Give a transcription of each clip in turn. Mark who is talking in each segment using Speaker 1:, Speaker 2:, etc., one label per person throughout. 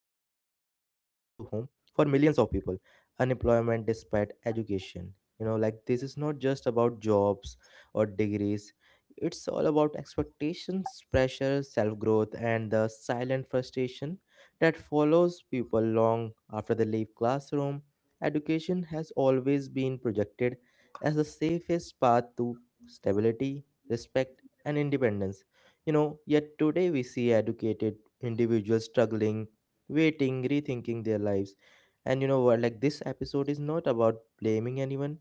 Speaker 1: close to home for millions of people. Unemployment despite education. Like this is not just about jobs or degrees. It's all about expectations, pressure, self-growth and the silent frustration that follows people long after they leave classroom. Education has always been projected as the safest path to stability, respect, and independence. Yet today we see educated individuals struggling, waiting, rethinking their lives. And like this episode is not about blaming anyone,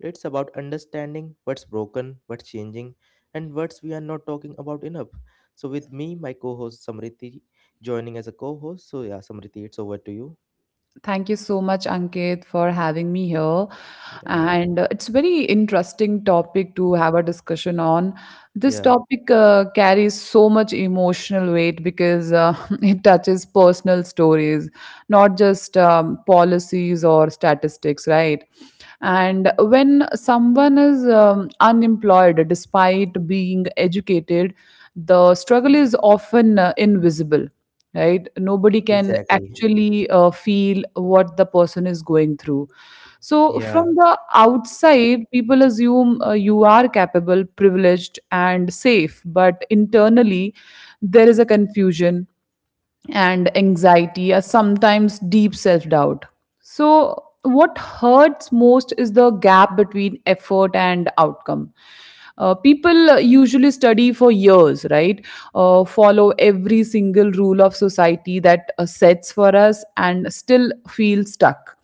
Speaker 1: it's about understanding what's broken, what's changing, and what's we are not talking about enough. So, with me, my co host Samriti joining as a co host. So, yeah, Samriti, it's over to you.
Speaker 2: Thank you so much, Ankit, for having me here.
Speaker 1: Yeah,
Speaker 2: And it's very interesting topic to have a discussion on. This
Speaker 1: yeah,
Speaker 2: topic carries so much emotional weight because it touches personal stories, not just policies or statistics, right? And when someone is unemployed despite being educated, the struggle is often invisible, right? Nobody can
Speaker 1: exactly.
Speaker 2: actually feel what the person is going through. So,
Speaker 1: Yeah,
Speaker 2: from the outside, people assume you are capable, privileged, and safe, but internally, there is a confusion and anxiety, or sometimes deep self doubt. So, what hurts most is the gap between effort and outcome. People usually study for years, right? Follow every single rule of society that sets for us and still feel stuck.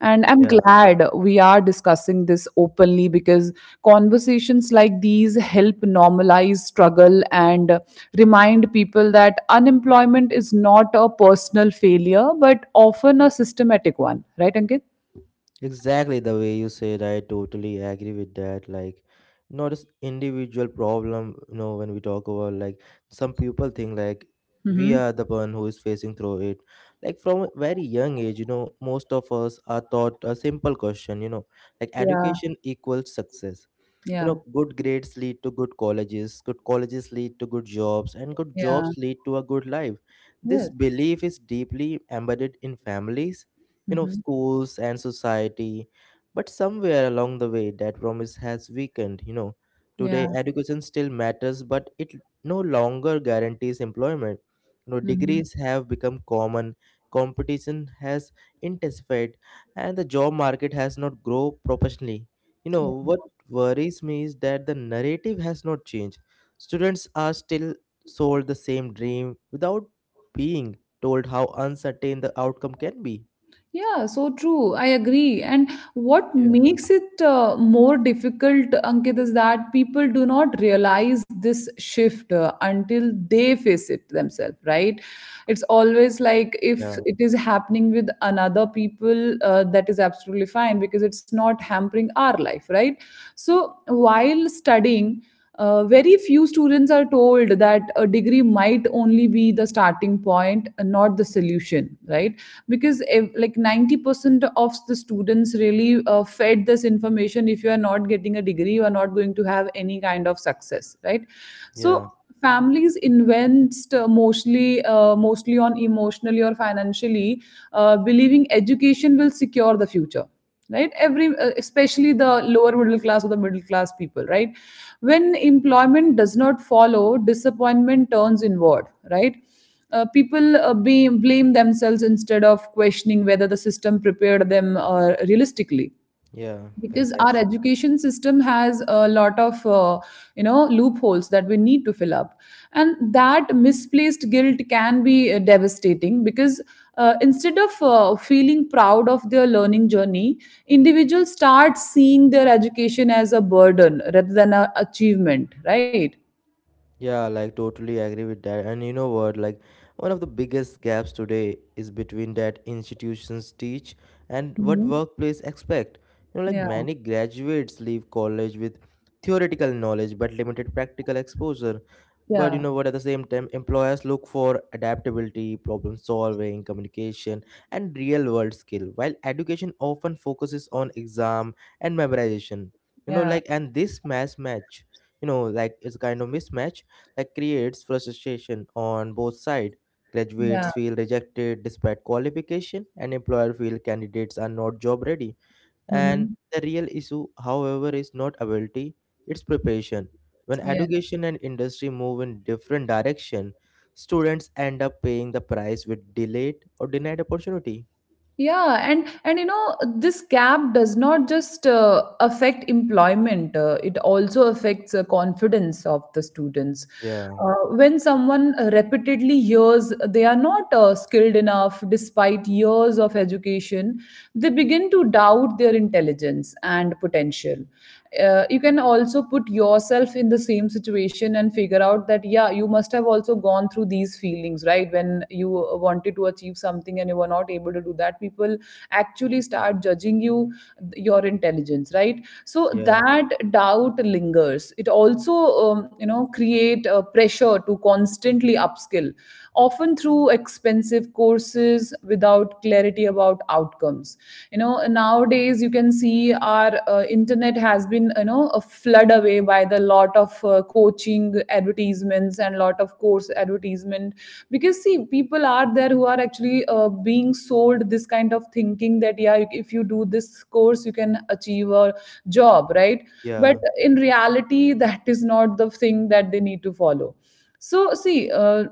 Speaker 2: And I'm
Speaker 1: yeah.
Speaker 2: glad we are discussing this openly because conversations like these help normalize struggle and remind people that unemployment is not a personal failure, but often a systematic one. Right, Ankit?
Speaker 1: Exactly the way you said, I totally agree with that. Like, not just individual problem. When we talk about like some people think like we
Speaker 2: Mm-hmm.
Speaker 1: are the one who is facing through it. Like from a very young age, most of us are taught a simple question. Like
Speaker 2: Yeah,
Speaker 1: education equals success.
Speaker 2: yeah,
Speaker 1: Good grades lead to good colleges, good colleges lead to good jobs, and good
Speaker 2: yeah.
Speaker 1: jobs lead to a good life. This
Speaker 2: Yes.
Speaker 1: belief is deeply embedded in families,
Speaker 2: Mm-hmm.
Speaker 1: schools and society. But somewhere along the way that promise has weakened. you know
Speaker 2: Yeah.
Speaker 1: today education still matters but it no longer guarantees employment. you know
Speaker 2: Mm-hmm.
Speaker 1: degrees have become common, competition has intensified and the job market has not grown proportionally. you know
Speaker 2: Yeah.
Speaker 1: what worries me is that the narrative has not changed. Students are still sold the same dream without being told how uncertain the outcome can be.
Speaker 2: Yeah, so true. I agree. And what
Speaker 1: Yeah,
Speaker 2: makes it more difficult, Ankit, is that people do not realize this shift until they face it themselves, right? It's always like, if
Speaker 1: yeah,
Speaker 2: it is happening with another people, that is absolutely fine because it's not hampering our life, right? So while studying, very few students are told that a degree might only be the starting point, not the solution, right? Because if, like, 90% of the students really fed this information, if you are not getting a degree, you are not going to have any kind of success, right? So,
Speaker 1: yeah,
Speaker 2: families invest mostly on emotionally or financially, believing education will secure the future, right? Every especially the lower middle class or the middle class people, right? When employment does not follow, disappointment turns inward, right? People be blame themselves instead of questioning whether the system prepared them realistically,
Speaker 1: yeah,
Speaker 2: because our
Speaker 1: exactly.
Speaker 2: education system has a lot of loopholes that we need to fill up. And that misplaced guilt can be devastating, because instead of feeling proud of their learning journey, individuals start seeing their education as a burden rather than an achievement, right?
Speaker 1: Yeah, like totally agree with that. And you know what? Like, one of the biggest gaps today is between that institutions teach and what
Speaker 2: Mhm.
Speaker 1: workplace expect. Like
Speaker 2: Yeah.
Speaker 1: many graduates leave college with theoretical knowledge but limited practical exposure. But you
Speaker 2: Yeah.
Speaker 1: know what at the same time employers look for adaptability, problem solving, communication and real world skill, while education often focuses on exam and memorization.
Speaker 2: Yeah.
Speaker 1: And this mismatch, it's kind of mismatch that creates frustration on both sides.
Speaker 2: Yeah.
Speaker 1: Graduates feel rejected despite qualification and employer feel candidates are not job ready. And
Speaker 2: Hmm.
Speaker 1: the real issue, however, is not ability, it's preparation. When
Speaker 2: Yeah.
Speaker 1: education and industry move in different direction, students end up paying the price with delayed or denied opportunity.
Speaker 2: Yeah, and you know this gap does not just affect employment; it also affects confidence of the students.
Speaker 1: Yeah,
Speaker 2: When someone repeatedly hears they are not skilled enough, despite years of education, they begin to doubt their intelligence and potential. You can also put yourself in the same situation and figure out that yeah, you must have also gone through these feelings, right? When you wanted to achieve something and you were not able to do that, people actually start judging you, your intelligence, right? So
Speaker 1: yeah,
Speaker 2: that doubt lingers. It also, create a pressure to constantly upskill often through expensive courses without clarity about outcomes. You know, nowadays you can see our internet has been, you know, a flood away by the lot of coaching advertisements and lot of course advertisement, because see, people are there who are actually being sold this kind of thinking that yeah, if you do this course you can achieve a job, right? But
Speaker 1: yeah,
Speaker 2: in reality that is not the thing that they need to follow. So see,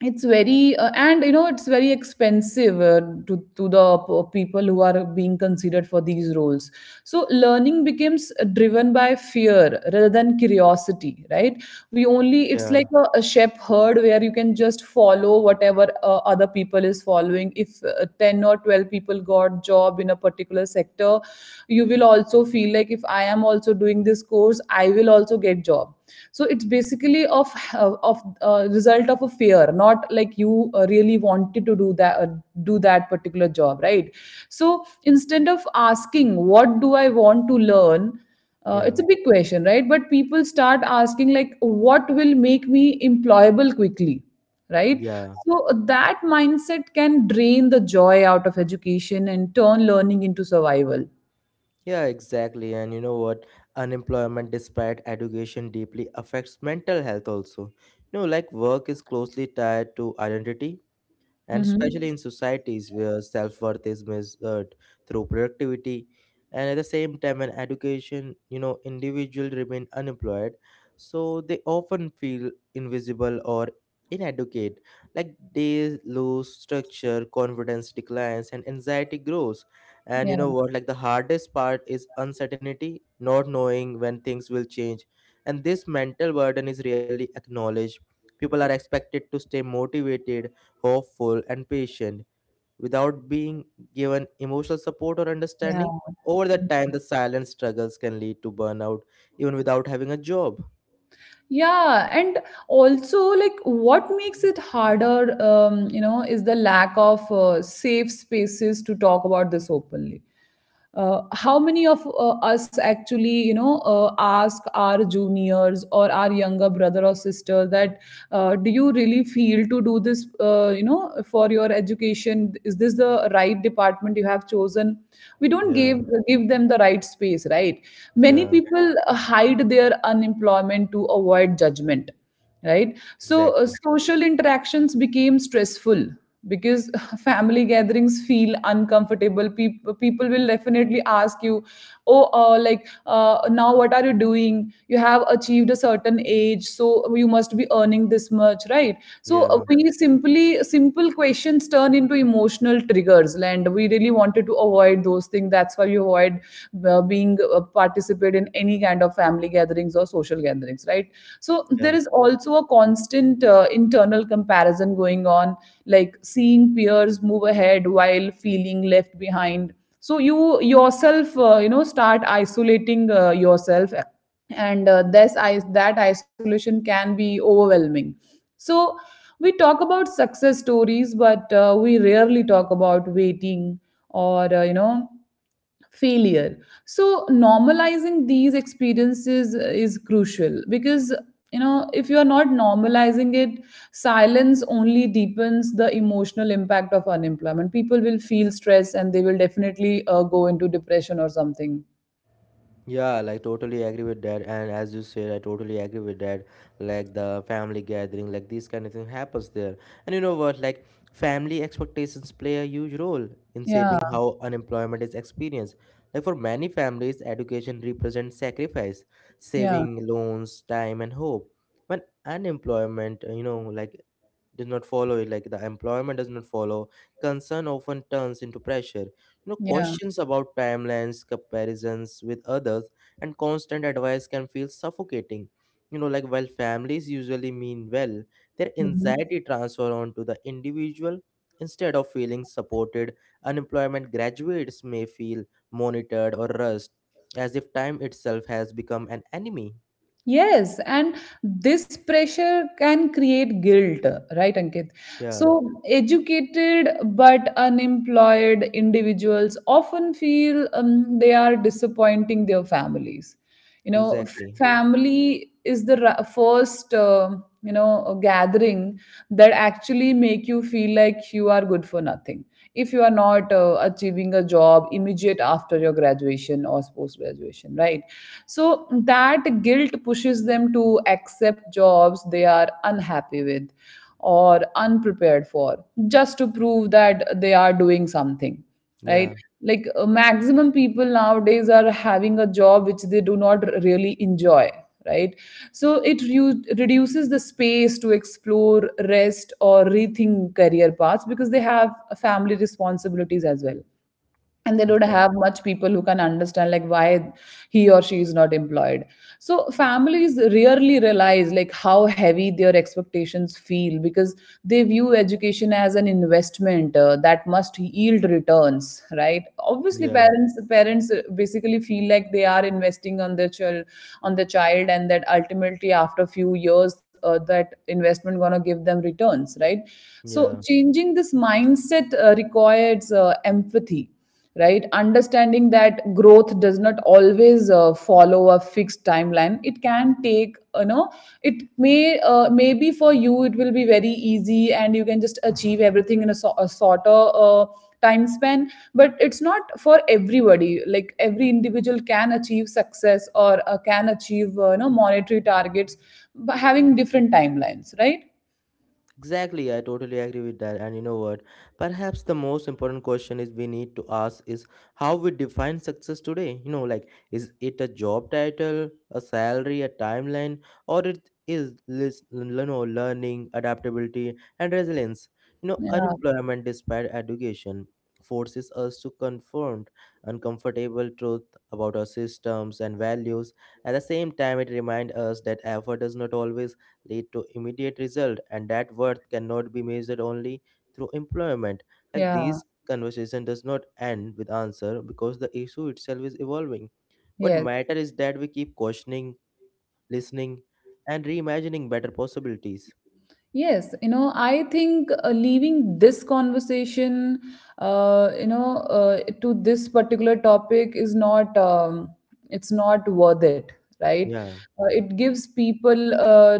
Speaker 2: it's very and you know it's very expensive, to the p- people who are being considered for these roles. So learning becomes driven by fear rather than curiosity, right? We only, it's
Speaker 1: yeah,
Speaker 2: like a shepherd where you can just follow whatever other people is following. If 10 or 12 people got job in a particular sector, you will also feel like if I am also doing this course I will also get job. So it's basically of result of a fear, not like you really wanted to do that, do that particular job, right? So instead of asking, what do I want to learn, it's
Speaker 1: yeah,
Speaker 2: a big question, right? But people start asking like, what will make me employable quickly, right?
Speaker 1: yeah.
Speaker 2: So that mindset can drain the joy out of education and turn learning into survival.
Speaker 1: Yeah, exactly. And you know what? Unemployment despite education deeply affects mental health also. Like work is closely tied to identity, and
Speaker 2: Hmm.
Speaker 1: especially in societies where self-worth is measured through productivity. And at the same time when education, individuals remain unemployed, so they often feel invisible or inadequate. Like they lose structure, confidence declines and anxiety grows. And
Speaker 2: Yeah.
Speaker 1: you know what like the hardest part is uncertainty, not knowing when things will change. And this mental burden is rarely acknowledged. People are expected to stay motivated, hopeful, and patient without being given emotional support or
Speaker 2: Yeah.
Speaker 1: understanding. Over the time, the silent struggles can lead to burnout even without having a job.
Speaker 2: Yeah, and also like, what makes it harder, is the lack of safe spaces to talk about this openly. How many of us actually, you know, ask our juniors or our younger brother or sister that do you really feel to do this, for your education, is this the right department you have chosen? We don't give
Speaker 1: Yeah,
Speaker 2: give them the right space, right? Many
Speaker 1: yeah,
Speaker 2: people hide their unemployment to avoid judgment, right? So
Speaker 1: exactly.
Speaker 2: social interactions became stressful because family gatherings feel uncomfortable. People will definitely ask you, oh, like, now what are you doing? You have achieved a certain age, so you must be earning this much, right? So
Speaker 1: Yeah,
Speaker 2: we simply simple questions turn into emotional triggers, and we really wanted to avoid those things, think that's why you avoid being participate in any kind of family gatherings or social gatherings, right? So there
Speaker 1: yeah.
Speaker 2: is also a constant internal comparison going on, like seeing peers move ahead while feeling left behind. So you yourself, you know, start isolating yourself, and this is that isolation can be overwhelming. So we talk about success stories, but we rarely talk about waiting or you know, failure. So normalizing these experiences is crucial, because you know, if you are not normalizing it, silence only deepens the emotional impact of unemployment. People will feel stress and they will definitely go into depression or something.
Speaker 1: Yeah, like totally agree with that. And as you said, I totally agree with that. Like the family gathering, like this kind of thing happens there. And you know what? Like family expectations play a huge role in
Speaker 2: Yeah.
Speaker 1: shaping how unemployment is experienced. Like for many families, education represents sacrifice,
Speaker 2: Yeah.
Speaker 1: saving, loans, time, and hope. When unemployment, does not follow it, like the employment does not follow, concern often turns into pressure. you know
Speaker 2: Yeah.
Speaker 1: questions about timelines, comparisons with others and constant advice can feel suffocating. Like while families usually mean well, their
Speaker 2: Mhm.
Speaker 1: anxiety transfer onto the individual. Instead of feeling supported, unemployment graduates may feel monitored or rushed, as if time itself has become an enemy.
Speaker 2: Yes, and this pressure can create guilt, right, Ankit?
Speaker 1: Yeah,
Speaker 2: So, educated but unemployed individuals often feel they are disappointing their families, you know.
Speaker 1: exactly.
Speaker 2: Family is the first, you know, gathering that actually make you feel like you are good for nothing if you are not achieving a job immediate after your graduation or post graduation, right? So that guilt pushes them to accept jobs they are unhappy with or unprepared for, just to prove that they are doing something, right?
Speaker 1: Yeah,
Speaker 2: Like, maximum people nowadays are having a job which they do not really enjoy, right? So it reduces the space to explore, rest, or rethink career paths, because they have family responsibilities as well, and they don't have
Speaker 1: exactly.
Speaker 2: much people who can understand like why he or she is not employed. So families rarely realize like how heavy their expectations feel, because they view education as an investment that must yield returns, right? Obviously,
Speaker 1: Yeah,
Speaker 2: parents basically feel like they are investing on their child on the child, and that ultimately after few years, that investment gonna give them returns, right? So
Speaker 1: yeah.
Speaker 2: changing this mindset requires empathy, right? Understanding that growth does not always follow a fixed timeline. It can take, you know, it may maybe for you it will be very easy and you can just achieve everything in a shorter time span, but it's not for everybody. Like every individual can achieve success or can achieve, you know, monetary targets by having different timelines, right?
Speaker 1: Exactly, I totally agree with that. And you know what? Perhaps the most important question is we need to ask is how we define success today. Like is it a job title, a salary, a timeline, or it is learning, adaptability, and resilience?
Speaker 2: Yeah.
Speaker 1: Unemployment despite education forces us to confront uncomfortable truth about our systems and values. At the same time, it reminds us that effort does not always lead to immediate result and that worth cannot be measured only through employment. Like
Speaker 2: Yeah.
Speaker 1: these conversation does not end with answer because the issue itself is evolving. What
Speaker 2: Yes.
Speaker 1: matter is that we keep questioning, listening, and reimagining better possibilities.
Speaker 2: Yes, you know, I think leaving this conversation, to this particular topic is not, it's not worth it, right?
Speaker 1: Yeah,
Speaker 2: It gives people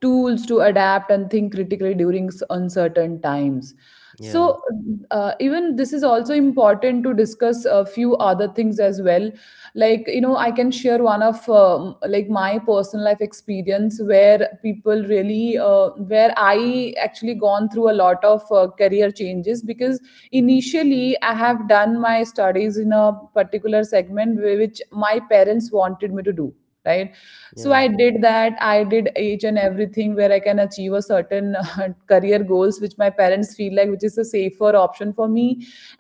Speaker 2: tools to adapt and think critically during uncertain times.
Speaker 1: yeah,
Speaker 2: So, even this is also important to discuss a few other things as well. Like, you know, I can share one of, like, my personal life experience where people really where I actually gone through a lot of career changes, because initially I have done my studies in a particular segment which my parents wanted me to do, right? So
Speaker 1: yeah,
Speaker 2: I did that. I did each and everything where I can achieve a certain career goals which my parents feel like which is a safer option for me,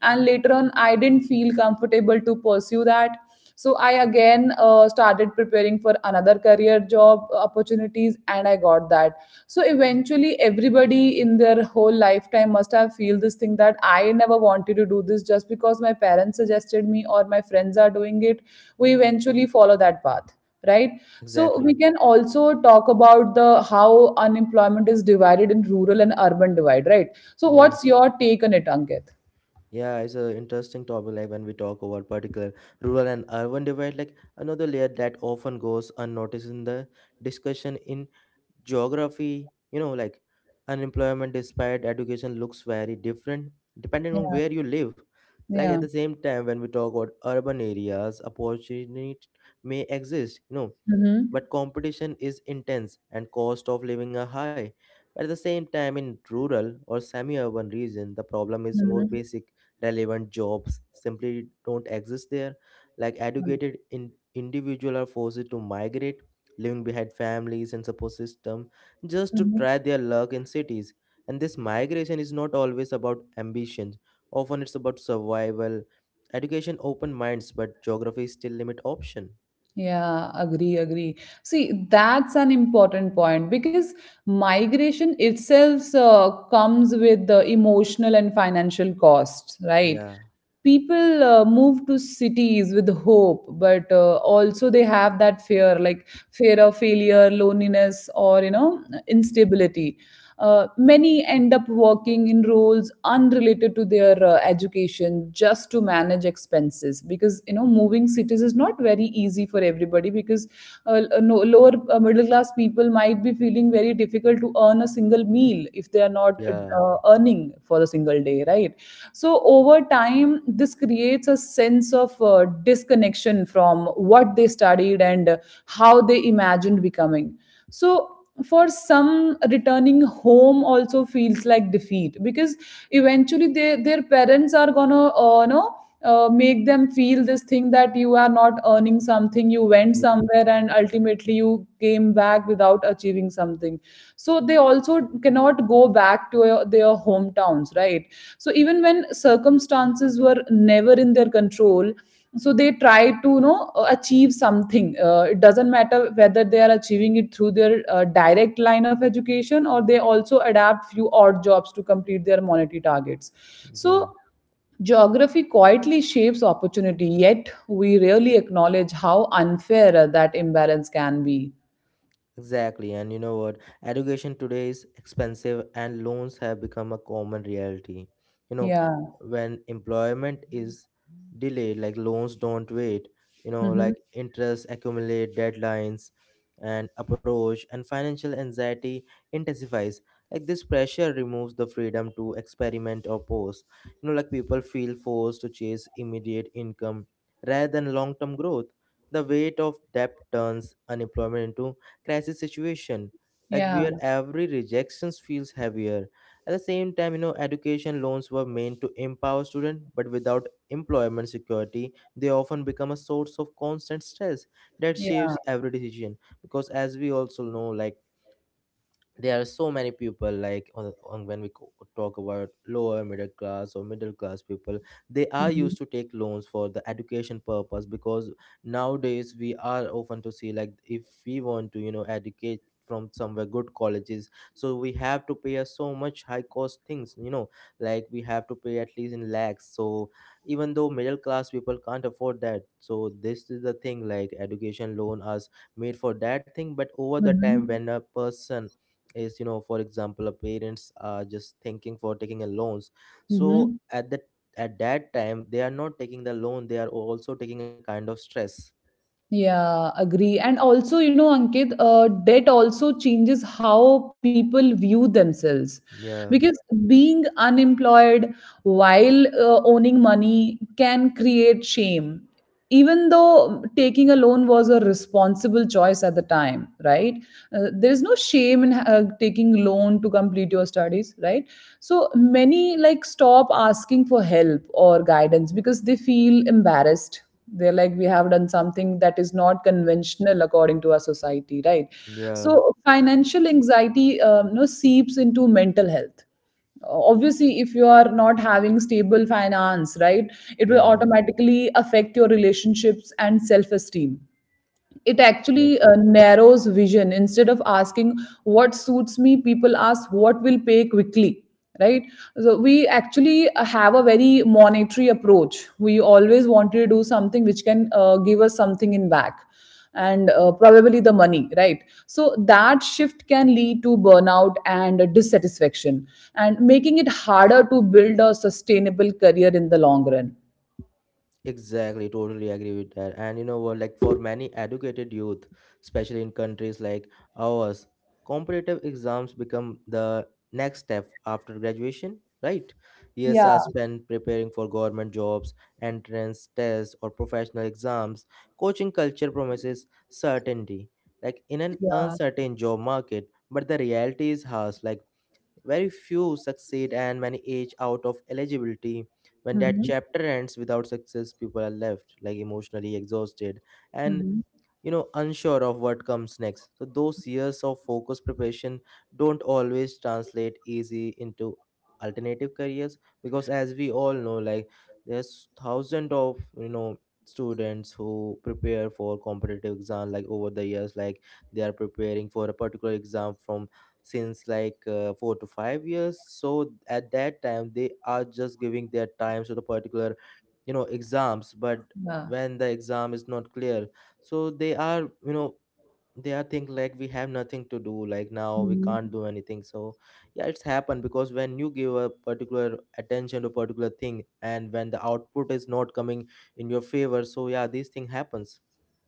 Speaker 2: and later on I didn't feel comfortable to pursue that. So I again started preparing for another career job opportunities, and I got that. So eventually everybody in their whole lifetime must have feel this thing that I never wanted to do this, just because my parents suggested me or my friends are doing it, we eventually follow that path, right? So
Speaker 1: exactly.
Speaker 2: we can also talk about the how unemployment is divided in rural and urban divide, right? So
Speaker 1: Yeah,
Speaker 2: what's your take on it, Ankit?
Speaker 1: yeah. It's an interesting topic. Like when we talk about particular rural and urban divide, like another layer that often goes unnoticed in the discussion in geography. Like unemployment despite education looks very different depending on
Speaker 2: Yeah.
Speaker 1: where you live. Like at
Speaker 2: Yeah.
Speaker 1: the same time when we talk about urban areas opportunity may exist,
Speaker 2: Hmm.
Speaker 1: but competition is intense and cost of living are high. But at the same time, in rural or semi-urban region, the problem is more basic. Relevant jobs simply don't exist there. Like educated individuals are forced to migrate, leaving behind families and support system just to
Speaker 2: Hmm.
Speaker 1: try their luck in cities. And this migration is not always about ambitions. Often it's about survival. Education open minds, but geography still limit option.
Speaker 2: Yeah, agree, agree. See, that's an important point because migration itself comes with the emotional and financial costs, right?
Speaker 1: Yeah,
Speaker 2: People move to cities with hope, but also they have that fear, like fear of failure, loneliness, or instability. Many end up working in roles unrelated to their education just to manage expenses because you know moving cities is not very easy for everybody because no, lower middle class people might be feeling very difficult to earn a single meal if they are not
Speaker 1: yeah.
Speaker 2: earning for a single day, right? So over time this creates a sense of disconnection from what they studied and how they imagined becoming. So for some returning home also feels like defeat because eventually their parents are gonna make them feel this thing that you are not earning something, you went somewhere and ultimately you came back without achieving something. So they also cannot go back to their hometowns, right? So even when circumstances were never in their control, so they try to you know achieve something. It doesn't matter whether they are achieving it through their direct line of education or they also adapt few odd jobs to complete their monetary targets. So
Speaker 1: Yeah.
Speaker 2: geography quietly shapes opportunity, yet we rarely acknowledge how unfair that imbalance can be.
Speaker 1: Exactly, and you know what? Education today is expensive, and loans have become a common reality. You know,
Speaker 2: Yeah.
Speaker 1: when employment is delayed, like loans don't wait,
Speaker 2: Hmm.
Speaker 1: like interest accumulate, deadlines and approach, and financial anxiety intensifies. Like this pressure removes the freedom to experiment or pause. Like people feel forced to chase immediate income rather than long term growth. The weight of debt turns unemployment into crisis situation, like
Speaker 2: Yeah,
Speaker 1: where every rejection feels heavier. At the same time, education loans were meant to empower students but without employment security they often become a source of constant stress that
Speaker 2: yeah.
Speaker 1: shapes every decision, because as we also know, like there are so many people like on when we talk about lower middle class or middle class people, they are
Speaker 2: Hmm.
Speaker 1: used to take loans for the education purpose. Because nowadays we are often to see, like if we want to educate from somewhere good colleges, so we have to pay us so much high cost things. Like we have to pay at least in lakhs, so even though middle class people can't afford that. So this is the thing, like education loan us made for that thing. But over the time when a person is, for example, our parents are just thinking for taking a loans, so
Speaker 2: Hmm.
Speaker 1: at that, time they are not taking the loan, they are also taking a kind of stress.
Speaker 2: Yeah, agree. And also, you know, Ankit, debt also changes how people view themselves.
Speaker 1: Yeah,
Speaker 2: Because being unemployed while owning money can create shame, even though taking a loan was a responsible choice at the time, right? There is no shame in taking loan to complete your studies, right? So many like stop asking for help or guidance because they feel embarrassed. They're like, we have done something that is not conventional according to our society, right?
Speaker 1: yeah,
Speaker 2: So financial anxiety you know seeps into mental health. Obviously if you are not having stable finance, right, it will
Speaker 1: yeah,
Speaker 2: automatically affect your relationships and self esteem. It actually
Speaker 1: exactly.
Speaker 2: narrows vision. Instead of asking what suits me, people ask what will pay quickly, right? So we actually have a very monetary approach. We always want to do something which can give us something in back, and probably the money, right? So that shift can lead to burnout and dissatisfaction, and making it harder to build a sustainable career in the long run.
Speaker 1: Exactly, totally agree with that. And like for many educated youth, especially in countries like ours, competitive exams become the next step after graduation, right? Years
Speaker 2: Yeah.
Speaker 1: are spent preparing for government jobs, entrance tests, or professional exams. Coaching culture promises certainty, like in an
Speaker 2: Yeah.
Speaker 1: uncertain job market, but the reality is harsh. Like very few succeed and many age out of eligibility. When that
Speaker 2: Mhm.
Speaker 1: chapter ends without success, people are left like emotionally exhausted and
Speaker 2: Mhm.
Speaker 1: unsure of what comes next. So those years of focused preparation don't always translate easy into alternative careers. Because as we all know, like there's thousands of students who prepare for competitive exam, like over the years, like they are preparing for a particular exam from since like 4 to 5 years. So at that time they are just giving their times to the particular exams. But
Speaker 2: Yeah.
Speaker 1: when the exam is not clear, so they are, you know think like we have nothing to do, like now we
Speaker 2: Mhm.
Speaker 1: can't do anything. So yeah, it's happened because when you give a particular attention to particular thing and when the output is not coming in your favor, so yeah, this thing happens.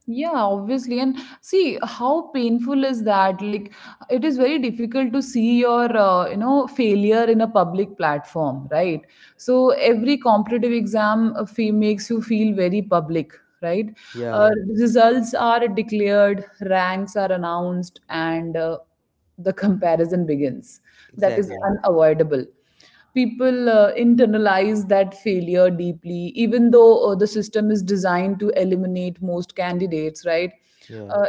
Speaker 2: Yeah, obviously. And see how painful is that? Like, it is very difficult to see your, failure in a public platform, right? So every competitive exam makes you feel very public, right? Uh,
Speaker 1: Yeah,
Speaker 2: Results are declared, ranks are announced, and the comparison begins. That is
Speaker 1: exactly.
Speaker 2: unavoidable. People internalize that failure deeply, even though the system is designed to eliminate most candidates, right?
Speaker 1: Yeah,
Speaker 2: Uh,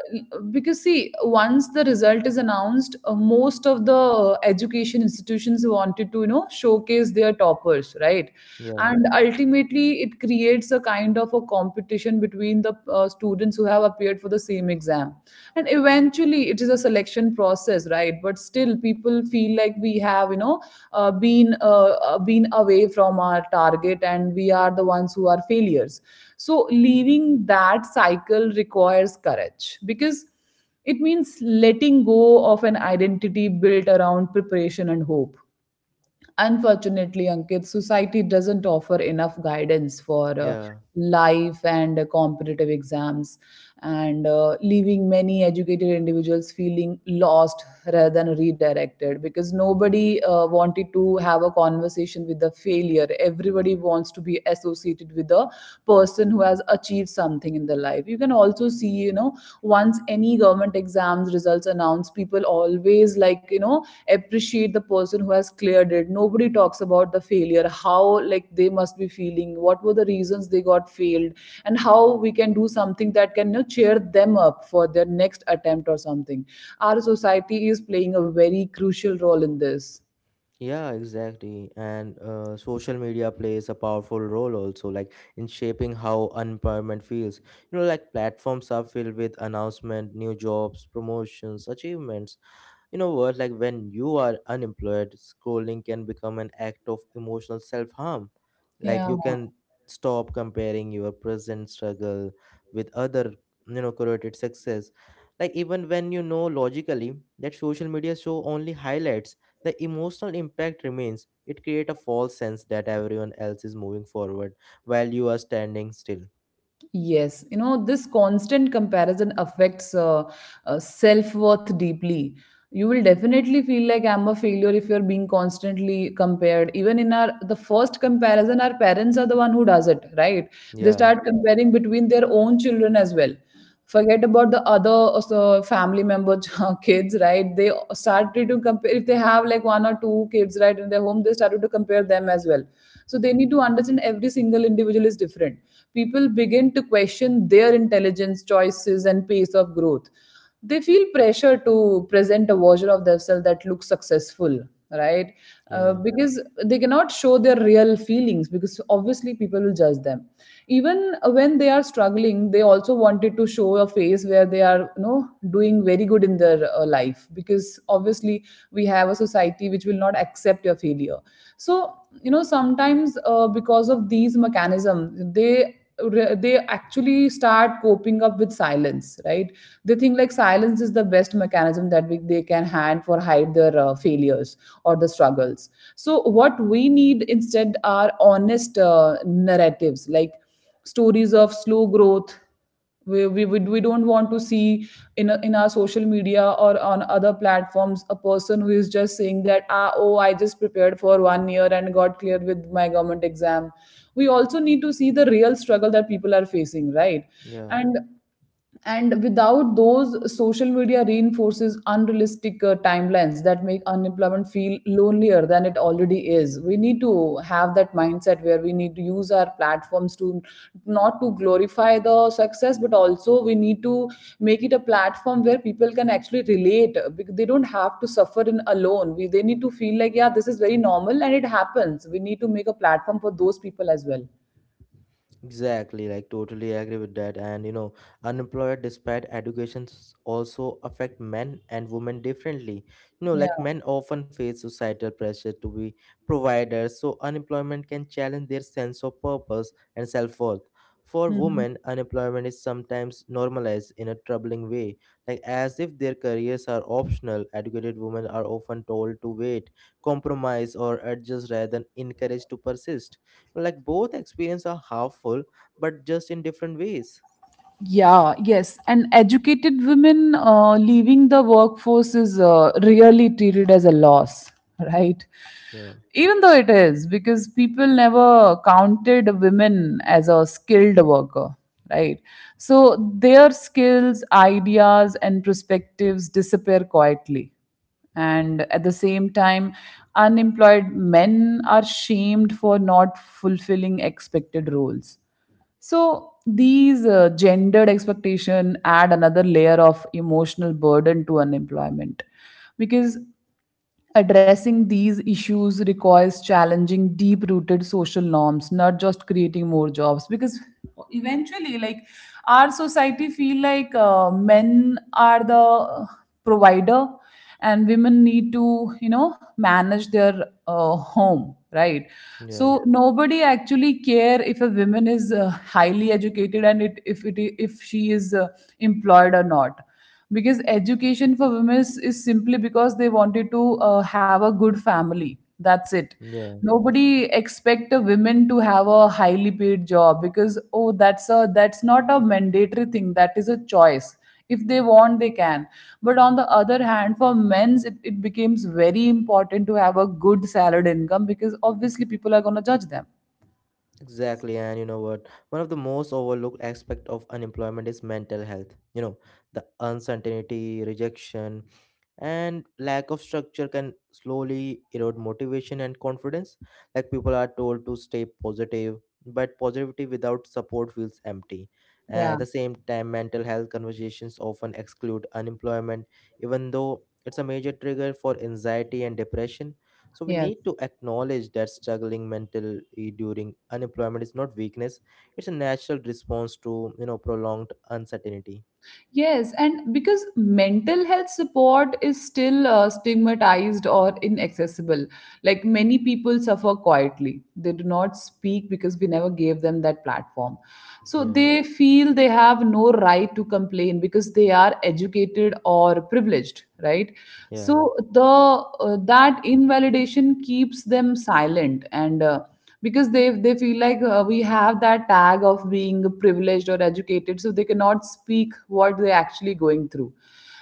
Speaker 2: because see, once the result is announced, most of the education institutions wanted to, you know, showcase their toppers, right?
Speaker 1: yeah,
Speaker 2: And ultimately it creates a kind of a competition between the students who have appeared for the same exam, and eventually it is a selection process, right? But still people feel like we have you know been away from our target and we are the ones who are failures. So leaving that cycle requires courage because it means letting go of an identity built around preparation and hope. Unfortunately, Ankit, society doesn't offer enough guidance for
Speaker 1: yeah.
Speaker 2: life and competitive exams, and leaving many educated individuals feeling lost rather than redirected, because nobody wanted to have a conversation with the failure. Everybody wants to be associated with the person who has achieved something in their life. You can also see, you know, once any government exams results announced, people always like you know appreciate the person who has cleared it. Nobody talks about the failure, how like they must be feeling, what were the reasons they got failed, and how we can do something that can you know, cheer them up for their next attempt or something. Our society is playing a very crucial role in this.
Speaker 1: Yeah, exactly. And social media plays a powerful role also, like in shaping how unemployment feels. Like platforms are filled with announcement, new jobs, promotions, achievements. You know what? Like when you are unemployed, scrolling can become an act of emotional self harm. Like
Speaker 2: Yeah.
Speaker 1: you can stop comparing your present struggle with other, curated success. Like even when you know logically that social media show only highlights, the emotional impact remains. It create a false sense that everyone else is moving forward while you are standing still.
Speaker 2: Yes, you know, this constant comparison affects self worth deeply. You will definitely feel like I'm a failure if you're being constantly compared. Even in our the first comparison, our parents are the one who does it, right? They
Speaker 1: Yeah,
Speaker 2: start comparing between their own children as well, forget about the other, also family members kids, right? They started to compare if they have like one or two kids, right, in their home, they started to compare them as well. So they need to understand every single individual is different. People begin to question their intelligence, choices and pace of growth. They feel pressure to present a version of themselves that looks successful, right?
Speaker 1: yeah,
Speaker 2: Because they cannot show their real feelings because obviously people will judge them. Even when they are struggling, they also wanted to show a face where they are you know doing very good in their life, because obviously we have a society which will not accept your failure. So you know sometimes because of these mechanisms, they they actually start coping up with silence, right? They think like silence is the best mechanism that they can hand for hide their failures or the struggles. So what we need instead are honest narratives, like stories of slow growth. We don't want to see in our social media or on other platforms a person who is just saying that ah oh I just prepared for 1 year and got clear with my government exam. We also need to see the real struggle that people are facing, right?
Speaker 1: yeah.
Speaker 2: and and without those, social media reinforces unrealistic timelines that make unemployment feel lonelier than it already is. We need to have that mindset where we need to use our platforms to not to glorify the success, but also we need to make it a platform where people can actually relate, because they don't have to suffer in alone. We They need to feel like yeah, this is very normal and it happens. We need to make a platform for those people as well.
Speaker 1: Exactly, like totally agree with that. And you know, unemployed despite educations also affect men and women differently. You know,
Speaker 2: Yeah.
Speaker 1: like men often face societal pressure to be providers, so unemployment can challenge their sense of purpose and self worth. For
Speaker 2: Mhm.
Speaker 1: women, unemployment is sometimes normalized in a troubling way, like as if their careers are optional. Educated women are often told to wait, compromise, or adjust rather than encouraged to persist like both experience are harmful, but just in different ways.
Speaker 2: Yeah, yes. And educated women leaving the workforce is really treated as a loss, right?
Speaker 1: Yeah,
Speaker 2: Even though it is, because people never counted women as a skilled worker, right? So their skills, ideas, and perspectives disappear quietly. And at the same time, unemployed men are shamed for not fulfilling expected roles. So these gendered expectation add another layer of emotional burden to unemployment. Because addressing these issues requires challenging deep rooted social norms, not just creating more jobs. Because eventually, like our society feel like men are the provider and women need to, you know, manage their home, right?
Speaker 1: yeah,
Speaker 2: So nobody actually care if a woman is highly educated, and it if she is employed or not, because education for women is simply because they wanted to have a good family, that's it.
Speaker 1: yeah.
Speaker 2: Nobody expect a women to have a highly paid job because oh that's not a mandatory thing, that is a choice. If they want they can. But on the other hand for men's it becomes very important to have a good salary income, because obviously people are going to judge them.
Speaker 1: Exactly, and you know what? One of the most overlooked aspect of unemployment is mental health. You know, the uncertainty, rejection, and lack of structure can slowly erode motivation and confidence. Like people are told to stay positive, but positivity without support feels empty.
Speaker 2: Yeah.
Speaker 1: At the same time, mental health conversations often exclude unemployment, even though it's a major trigger for anxiety and depression. So we
Speaker 2: Yes.
Speaker 1: need to acknowledge that struggling mentally during unemployment is not weakness; it's a natural response to prolonged uncertainty.
Speaker 2: Yes, and because mental health support is still stigmatized or inaccessible, like many people suffer quietly. They do not speak because we never gave them that platform. So
Speaker 1: Yeah,
Speaker 2: they feel they have no right to complain because they are educated or privileged, right?
Speaker 1: yeah,
Speaker 2: So the that invalidation keeps them silent, and because they feel like we have that tag of being privileged or educated, so they cannot speak what they're actually going through.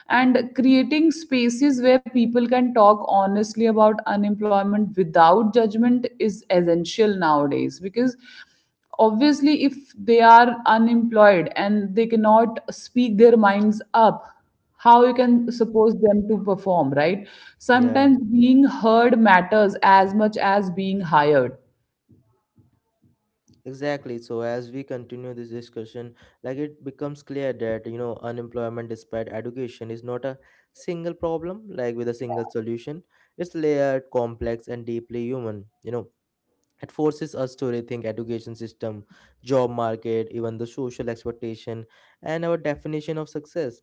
Speaker 2: And creating spaces where people can talk honestly about unemployment without judgment is essential nowadays, because obviously if they are unemployed and they cannot speak their minds up, how you can suppose them to perform, right?
Speaker 1: yeah,
Speaker 2: Sometimes being heard matters as much as being hired.
Speaker 1: exactly. So as we continue this discussion, like it becomes clear that unemployment, despite education, is not a single problem like with a single solution. It's layered, complex, and deeply human. You know, it forces us to rethink education system, job market, even the social expectation, and our definition of success.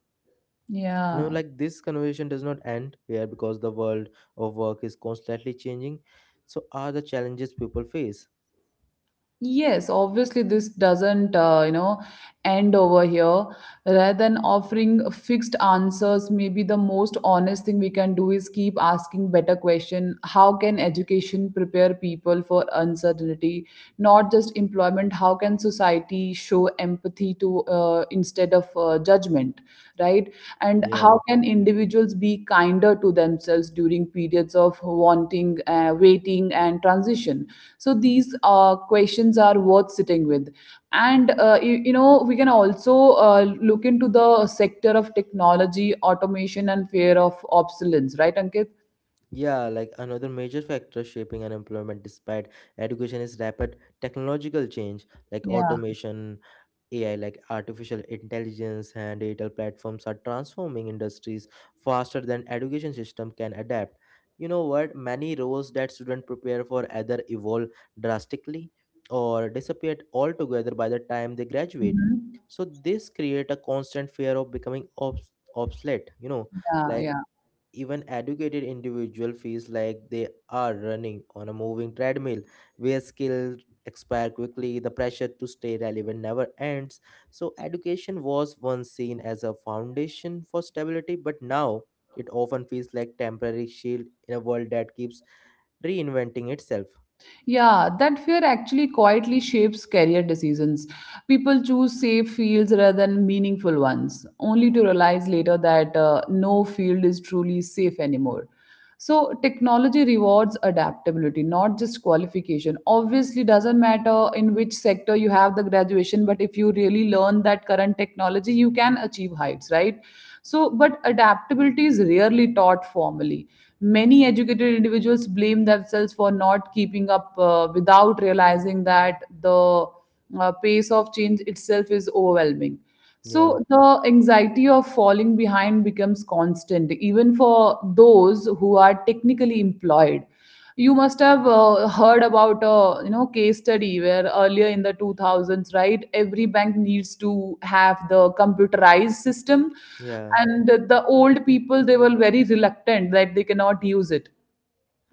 Speaker 1: you know
Speaker 2: Yeah.
Speaker 1: like this conversation does not end here because the world of work is constantly changing, so are the challenges people face.
Speaker 2: Yes, obviously this doesn't, end over here. Rather than offering fixed answers, maybe the most honest thing we can do is keep asking better question. How can education prepare people for uncertainty? Not just employment. How can society show empathy to instead of judgment, right? And how
Speaker 1: yeah
Speaker 2: can individuals be kinder to themselves during periods of wanting waiting and transition? So these questions are worth sitting with. And you know we can also uh, look into the sector of technology automation and fear of obsolescence, right Ankit?
Speaker 1: yeah like another major factor shaping unemployment despite education is rapid technological change, like
Speaker 2: Yeah.
Speaker 1: automation, AI like artificial intelligence, and digital platforms are transforming industries faster than education system can adapt. You know what? Many roles that students prepare for either evolve drastically or disappear altogether by the time they graduate.
Speaker 2: Mhm.
Speaker 1: So this create a constant fear of becoming obsolete. You know,
Speaker 2: Yeah,
Speaker 1: like
Speaker 2: yeah.
Speaker 1: even educated individual feels like they are running on a moving treadmill where skills expire quickly, the pressure to stay relevant never ends. So education was once seen as a foundation for stability, but now it often feels like temporary shield in a world that keeps reinventing itself.
Speaker 2: Yeah, that fear actually quietly shapes career decisions. People choose safe fields rather than meaningful ones, only to realize later that no field is truly safe anymore. So, technology rewards adaptability, not just qualification. Obviously, doesn't matter in which sector you have the graduation, but if you really learn that current technology, you can achieve heights, right? So, but adaptability is rarely taught formally. Many educated individuals blame themselves for not keeping up without realizing that the pace of change itself is overwhelming.
Speaker 1: yeah
Speaker 2: So the anxiety of falling behind becomes constant, even for those who are technically employed. You must have heard about a case study where earlier in the 2000s, right? Every bank needs to have the computerized system,
Speaker 1: yeah
Speaker 2: and the old people, they were very reluctant that they cannot use it.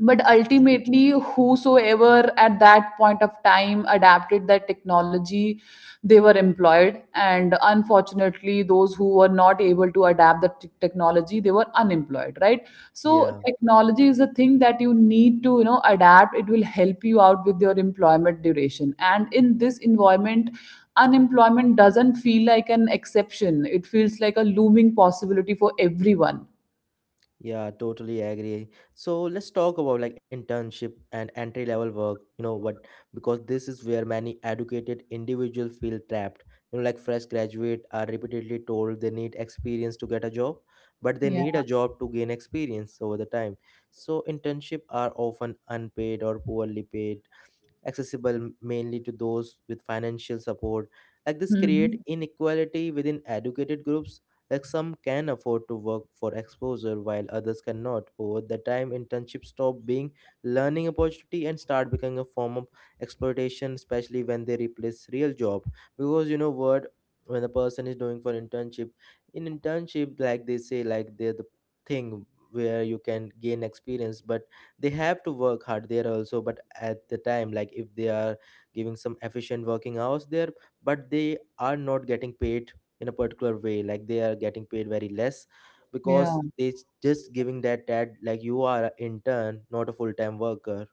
Speaker 2: But
Speaker 1: absolutely.
Speaker 2: ultimately, whosoever at that point of time adapted that technology, they were employed, and unfortunately those who were not able to adapt the technology, they were unemployed, right? So
Speaker 1: yeah
Speaker 2: technology is a thing that you need to, you know, adapt. It will help you out with your employment duration, and in this environment, unemployment doesn't feel like an exception. It feels like a looming possibility for everyone.
Speaker 1: Yeah, totally agree. So let's talk about like internship and entry level work. You know what? Because this is where many educated individuals feel trapped. Like fresh graduates are repeatedly told they need experience to get a job, but they
Speaker 2: Yeah.
Speaker 1: need a job to gain experience over the time. So internship are often unpaid or poorly paid, accessible mainly to those with financial support. Like this create
Speaker 2: Mhm.
Speaker 1: inequality within educated groups. Like some can afford to work for exposure while others cannot. Over the time, internships stop being learning opportunity and start becoming a form of exploitation, especially when they replace real job. Because you know what, when the person is doing for internship, in internship, like they say, like they're the thing where you can gain experience, but they have to work hard there also, but at the time, like if they are giving some efficient working hours there, but they are not getting paid in a particular way, like they are getting paid very less
Speaker 2: Yeah.
Speaker 1: because they just giving that like you are an intern not a full-time worker.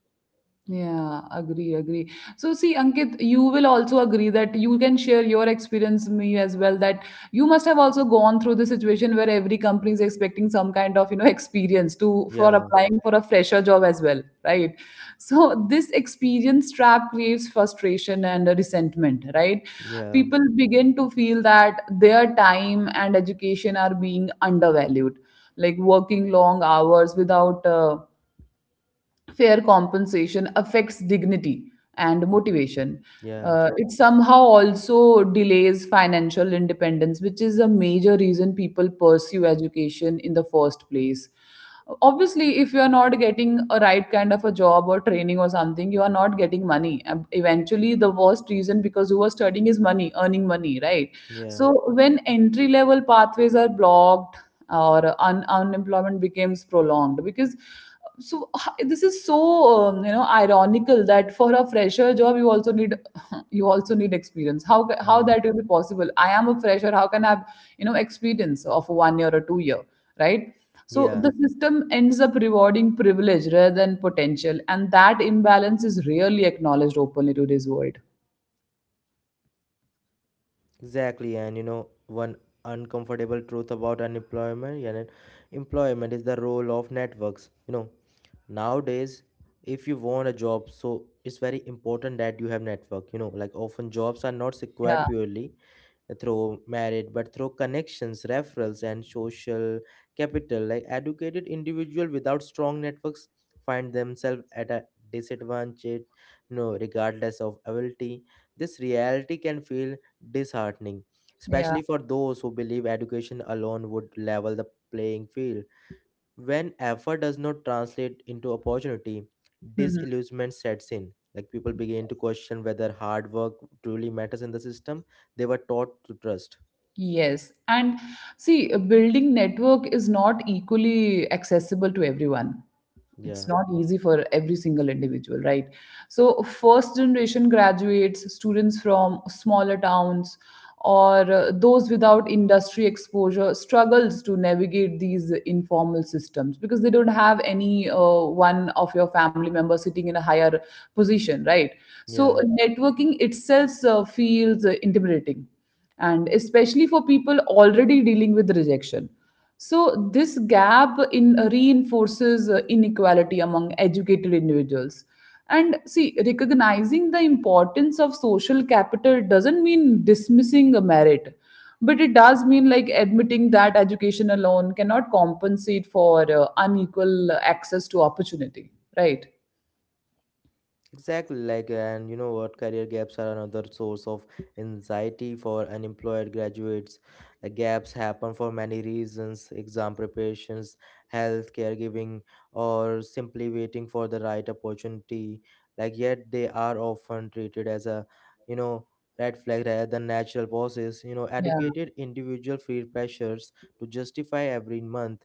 Speaker 2: Yeah, agree. So, see, Ankit, you will also agree that you can share your experience me as well. That you must have also gone through the situation where every company is expecting some kind of, you know, experience to for
Speaker 1: yeah
Speaker 2: applying for a fresher job as well, right? So, this experience trap creates frustration and resentment, right?
Speaker 1: yeah
Speaker 2: People begin to feel that their time and education are being undervalued, like working long hours without. Fair compensation affects dignity and motivation.
Speaker 1: yeah
Speaker 2: It somehow also delays financial independence, which is a major reason people pursue education in the first place. Obviously, if you are not getting a right kind of a job or training or something, you are not getting money. And eventually, the worst reason because you are studying is money, earning money, right?
Speaker 1: yeah
Speaker 2: So, when entry level pathways are blocked or unemployment becomes prolonged, because this is ironical that for a fresher job you also need you also need experience. How how
Speaker 1: yeah
Speaker 2: that will be possible? I am a fresher. How can I have, you know, experience of 1 year or 2 year, right? So
Speaker 1: yeah
Speaker 2: the system ends up rewarding privilege rather than potential, and that imbalance is rarely acknowledged openly today's world.
Speaker 1: exactly. And you know, one uncomfortable truth about unemployment, yeah, and employment is the role of networks. You know, nowadays, if you want a job, so it's very important that you have network. Like often jobs are not secured
Speaker 2: Yeah.
Speaker 1: purely through merit, but through connections, referrals, and social capital. Like educated individual without strong networks find themselves at a disadvantage. You know, regardless of ability, this reality can feel disheartening,
Speaker 2: Yeah.
Speaker 1: especially for those who believe education alone would level the playing field. When effort does not translate into opportunity,
Speaker 2: Mhm.
Speaker 1: disillusionment sets in. Like people begin to question whether hard work truly matters in the system they were taught to trust.
Speaker 2: Yes, and see, a building network is not equally accessible to everyone.
Speaker 1: yeah
Speaker 2: It's not easy for every single individual, right? So first generation graduates students from smaller towns or those without industry exposure struggles to navigate these informal systems, because they don't have any one of your family members sitting in a higher position, right?
Speaker 1: yeah
Speaker 2: So networking itself feels intimidating, and especially for people already dealing with rejection. So, this gap in reinforces inequality among educated individuals. And see, recognizing the importance of social capital doesn't mean dismissing a merit, but it does mean, like, admitting that education alone cannot compensate for unequal access to opportunity, right?
Speaker 1: Exactly, and career gaps are another source of anxiety for unemployed graduates. The gaps happen for many reasons: exam preparations, health, caregiving, or simply waiting for the right opportunity. Like, yet they are often treated as a, you know, red flag rather than natural process. You know,
Speaker 2: Yeah.
Speaker 1: educated individual feel pressures to justify every month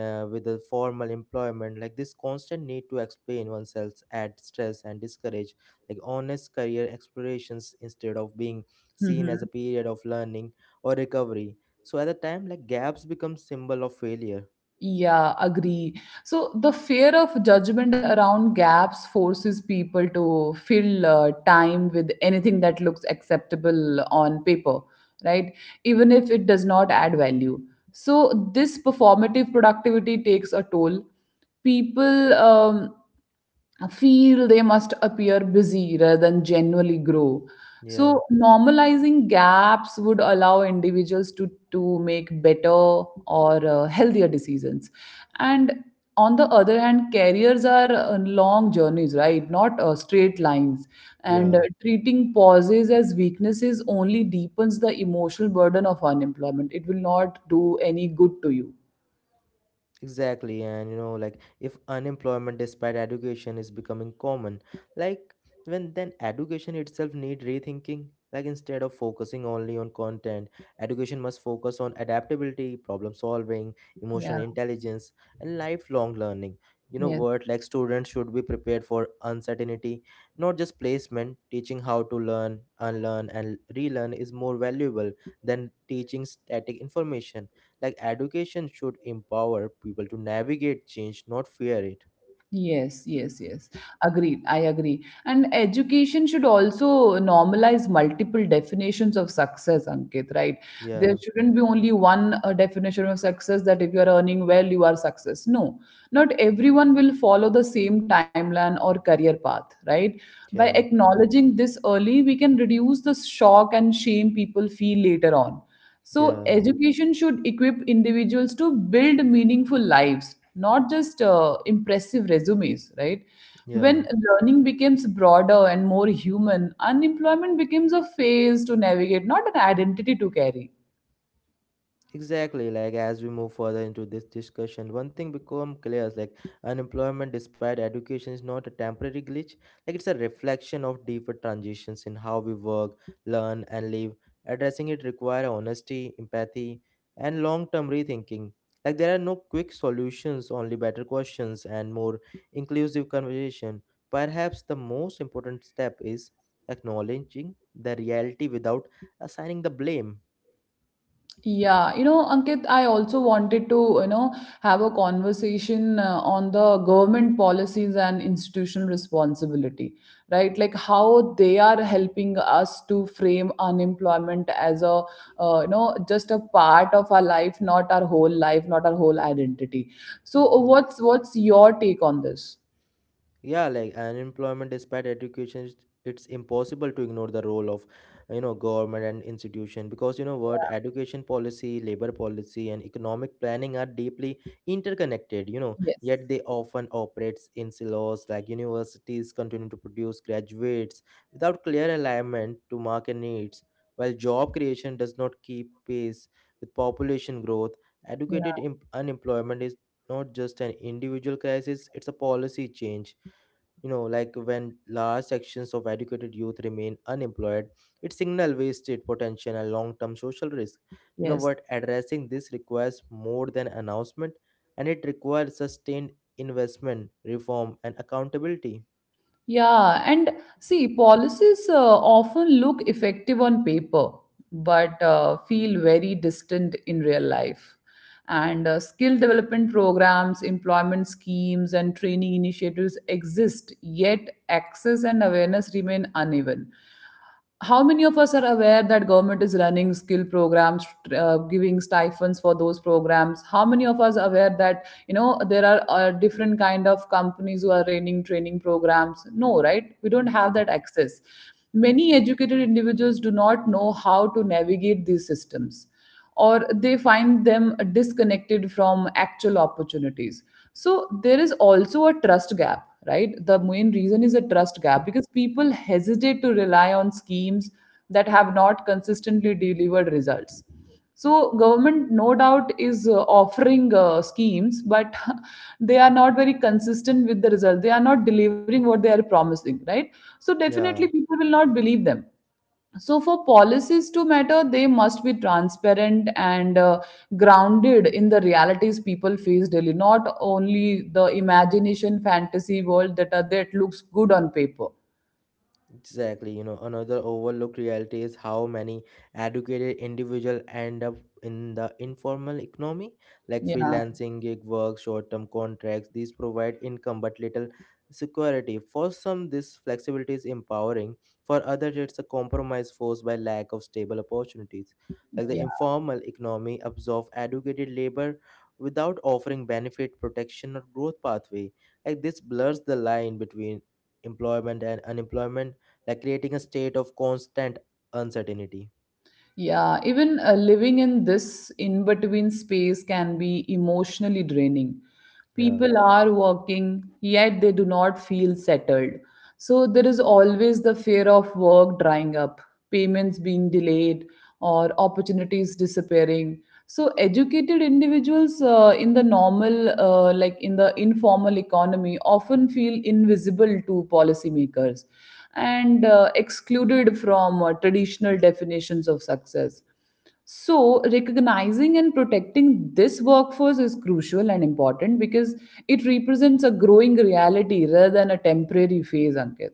Speaker 1: with the formal employment. Like this constant need to explain oneself add stress and discourage like honest career explorations instead of being seen as
Speaker 2: Mhm.
Speaker 1: a period of learning or recovery, so at the time like gaps become symbol of failure.
Speaker 2: Yeah, agree. So the fear of judgment around gaps forces people to fill time with anything that looks acceptable on paper, right? Even if it does not add value. So, this performative productivity takes a toll. People feel they must appear busy rather than genuinely grow.
Speaker 1: yeah
Speaker 2: So, normalizing gaps would allow individuals to make better or healthier decisions. And on the other hand, careers are long journeys, right? Not straight lines. And
Speaker 1: yeah
Speaker 2: treating pauses as weaknesses only deepens the emotional burden of unemployment. It will not do any good to you.
Speaker 1: Exactly, and you know, like if unemployment despite education is becoming common, like when then education itself need rethinking. Like instead of focusing only on content, education must focus on adaptability, problem solving,
Speaker 2: Yeah.
Speaker 1: emotional intelligence, and lifelong learning. You know
Speaker 2: Yes.
Speaker 1: what? Like students should be prepared for uncertainty, not just placement. Teaching how to learn, unlearn, and relearn is more valuable than teaching static information. Like education should empower people to navigate change, not fear it.
Speaker 2: Yes. Agreed. I agree. And education should also normalize multiple definitions of success, Ankit, right? There
Speaker 1: yeah
Speaker 2: shouldn't be only one definition of success, that if you are earning well, you are success. No, not everyone will follow the same timeline or career path, right? By
Speaker 1: yeah
Speaker 2: acknowledging this early, we can reduce the shock and shame people feel later on. So,
Speaker 1: yeah
Speaker 2: education should equip individuals to build meaningful lives, not just impressive resumes, right?
Speaker 1: yeah
Speaker 2: When learning becomes broader and more human, unemployment becomes a phase to navigate, not an identity to carry.
Speaker 1: Exactly, like as we move further into this discussion, one thing become clear is like unemployment despite education is not a temporary glitch, like it's a reflection of deeper transitions in how we work, learn and live. Addressing it require honesty, empathy and long-term rethinking. Like there are no quick solutions, only better questions and more inclusive conversation. Perhaps the most important step is acknowledging the reality without assigning the blame.
Speaker 2: Yeah, you know, Ankit, I also wanted to, you know, have a conversation on the government policies and institutional responsibility, right? Like how they are helping us to frame unemployment as a, you know, just a part of our life, not our whole life, not our whole identity. So, what's your take on this?
Speaker 1: Yeah like unemployment despite education, it's impossible to ignore the role of government and institution, because you know what, education policy, labor policy and economic planning are deeply interconnected. You know,
Speaker 2: Yes.
Speaker 1: yet they often operates in silos. Like universities continue to produce graduates without clear alignment to market needs, while job creation does not keep pace with population growth.
Speaker 2: Yeah.
Speaker 1: Educated unemployment is not just an individual crisis, it's a policy change. You know, like when large sections of educated youth remain unemployed, it signal wasted potential and long-term social risk. You know
Speaker 2: Yes.
Speaker 1: what, addressing this requires more than announcement, and it requires sustained investment, reform and accountability.
Speaker 2: Yeah, and see, policies often look effective on paper, but feel very distant in real life. And skill development programs, employment schemes, and training initiatives exist, yet access and awareness remain uneven. How many of us are aware that government is running skill programs, giving stipends for those programs? How many of us are aware that, you know, there are different kind of companies who are running training programs? No, right? We don't have that access. Many educated individuals do not know how to navigate these systems, or they find them disconnected from actual opportunities. So there is also a trust gap, right? The main reason is a trust gap, because people hesitate to rely on schemes that have not consistently delivered results. So government, no doubt, is offering schemes, but they are not very consistent with the result. They are not delivering what they are promising, right? So definitely
Speaker 1: yeah
Speaker 2: people will not believe them. So, for policies to matter, they must be transparent and grounded in the realities people face daily, not only the imagination, fantasy world that are, that looks good on paper.
Speaker 1: Exactly, you know, another overlooked reality is how many educated individuals end up in the informal economy, like
Speaker 2: Yeah,
Speaker 1: freelancing, gig work, short-term contracts. These provide income but little security. For some, this flexibility is empowering. For others, it's a compromise forced by lack of stable opportunities. Like the
Speaker 2: yeah,
Speaker 1: informal economy absorbs educated labor without offering benefit, protection, or growth pathway. Like this blurs the line between employment and unemployment, like creating a state of constant uncertainty.
Speaker 2: yeah. Even living in this in between space can be emotionally draining.
Speaker 1: Yeah,
Speaker 2: People are working, yet they do not feel settled. So there is always the fear of work drying up, payments being delayed, or opportunities disappearing. So educated individuals in the normal, like in the informal economy, often feel invisible to policymakers and excluded from traditional definitions of success. So, recognizing and protecting this workforce is crucial and important, because it represents a growing reality rather than a temporary phase, Ankit.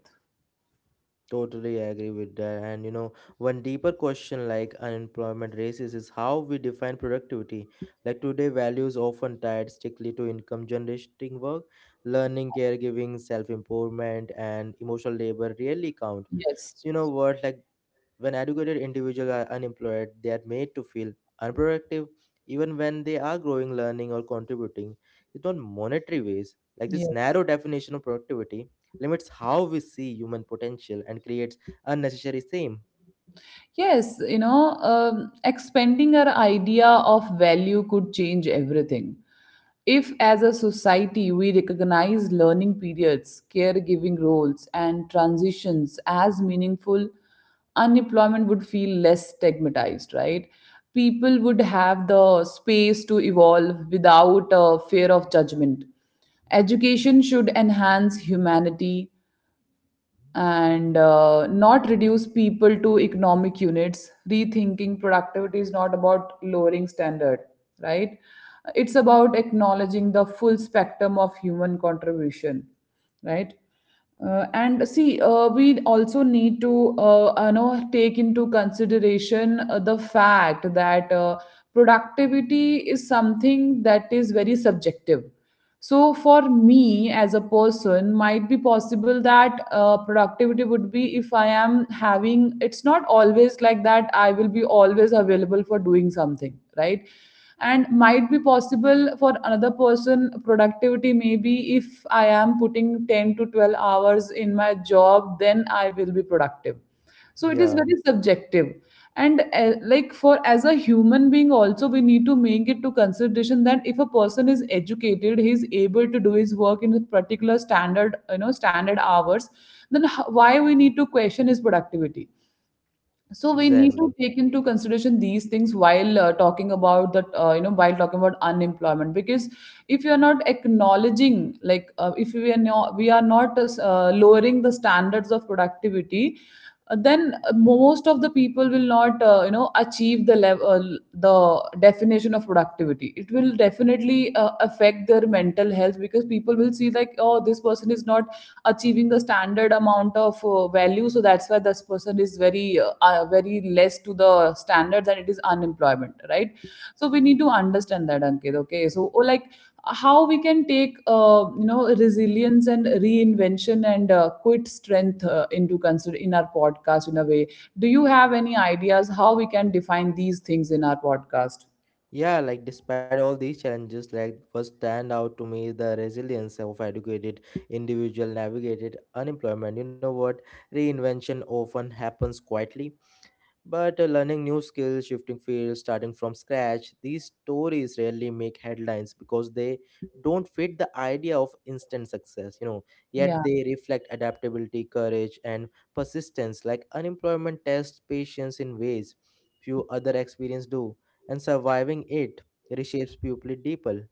Speaker 1: totally agree with that. And you know, one deeper question like unemployment raises is how we define productivity. Like today, values often tied strictly to income generating work, learning, caregiving, self improvement, and emotional labor really count.
Speaker 2: Yes,
Speaker 1: So, you know, words like when educated individuals are unemployed, they are made to feel unproductive even when they are growing, learning, or contributing. It's not monetary ways. Like this
Speaker 2: yes.
Speaker 1: narrow definition of productivity limits how we see human potential and creates unnecessary shame.
Speaker 2: Yes, you know, expanding our idea of value could change everything. If, as a society, we recognize learning periods, caregiving roles, and transitions as meaningful, unemployment would feel less stigmatized, right? People would have the space to evolve without a fear of judgment. Education should enhance humanity, and not reduce people to economic units. Rethinking productivity is not about lowering standard, right? It's about acknowledging the full spectrum of human contribution, right? And see, we also need to, you know, take into consideration the fact that productivity is something that is very subjective. So for me as a person, might be possible that productivity would be if I am having, it's not always like that I will be always available for doing something, right? And might be possible for another person productivity, maybe if I am putting 10 to 12 hours in my job, then I will be productive. So it is
Speaker 1: Yeah,
Speaker 2: very subjective. And like for as a human being also, we need to make it to consideration that if a person is educated, he is able to do his work in a particular standard, you know, standard hours, then why we need to question his productivity? So we need to
Speaker 1: exactly.
Speaker 2: take into consideration these things while talking about that, you know, while talking about unemployment, because if you are not acknowledging, like if we are not lowering the standards of productivity, then most of the people will not, you know, achieve the level, the definition of productivity. It will definitely affect their mental health, because people will see like, oh, this person is not achieving the standard amount of value, so that's why this person is very very less to the standards, and it is unemployment, right? So we need to understand that, Ankit. Okay, so, oh, like how we can take you know, resilience and reinvention and quit strength into consider in our podcast in a way. Do you have any ideas how we can define these things in our podcast?
Speaker 1: Yeah, like despite all these challenges, like what stand out to me is the resilience of educated individual navigated unemployment. You know what? Reinvention often happens quietly. But learning new skills, shifting fields, starting from scratch, these stories rarely make headlines because they don't fit the idea of instant success, you know. Yet
Speaker 2: Yeah.
Speaker 1: they reflect adaptability, courage, and persistence. Like unemployment tests patience in ways few other experience do, and surviving it reshapes people deeper.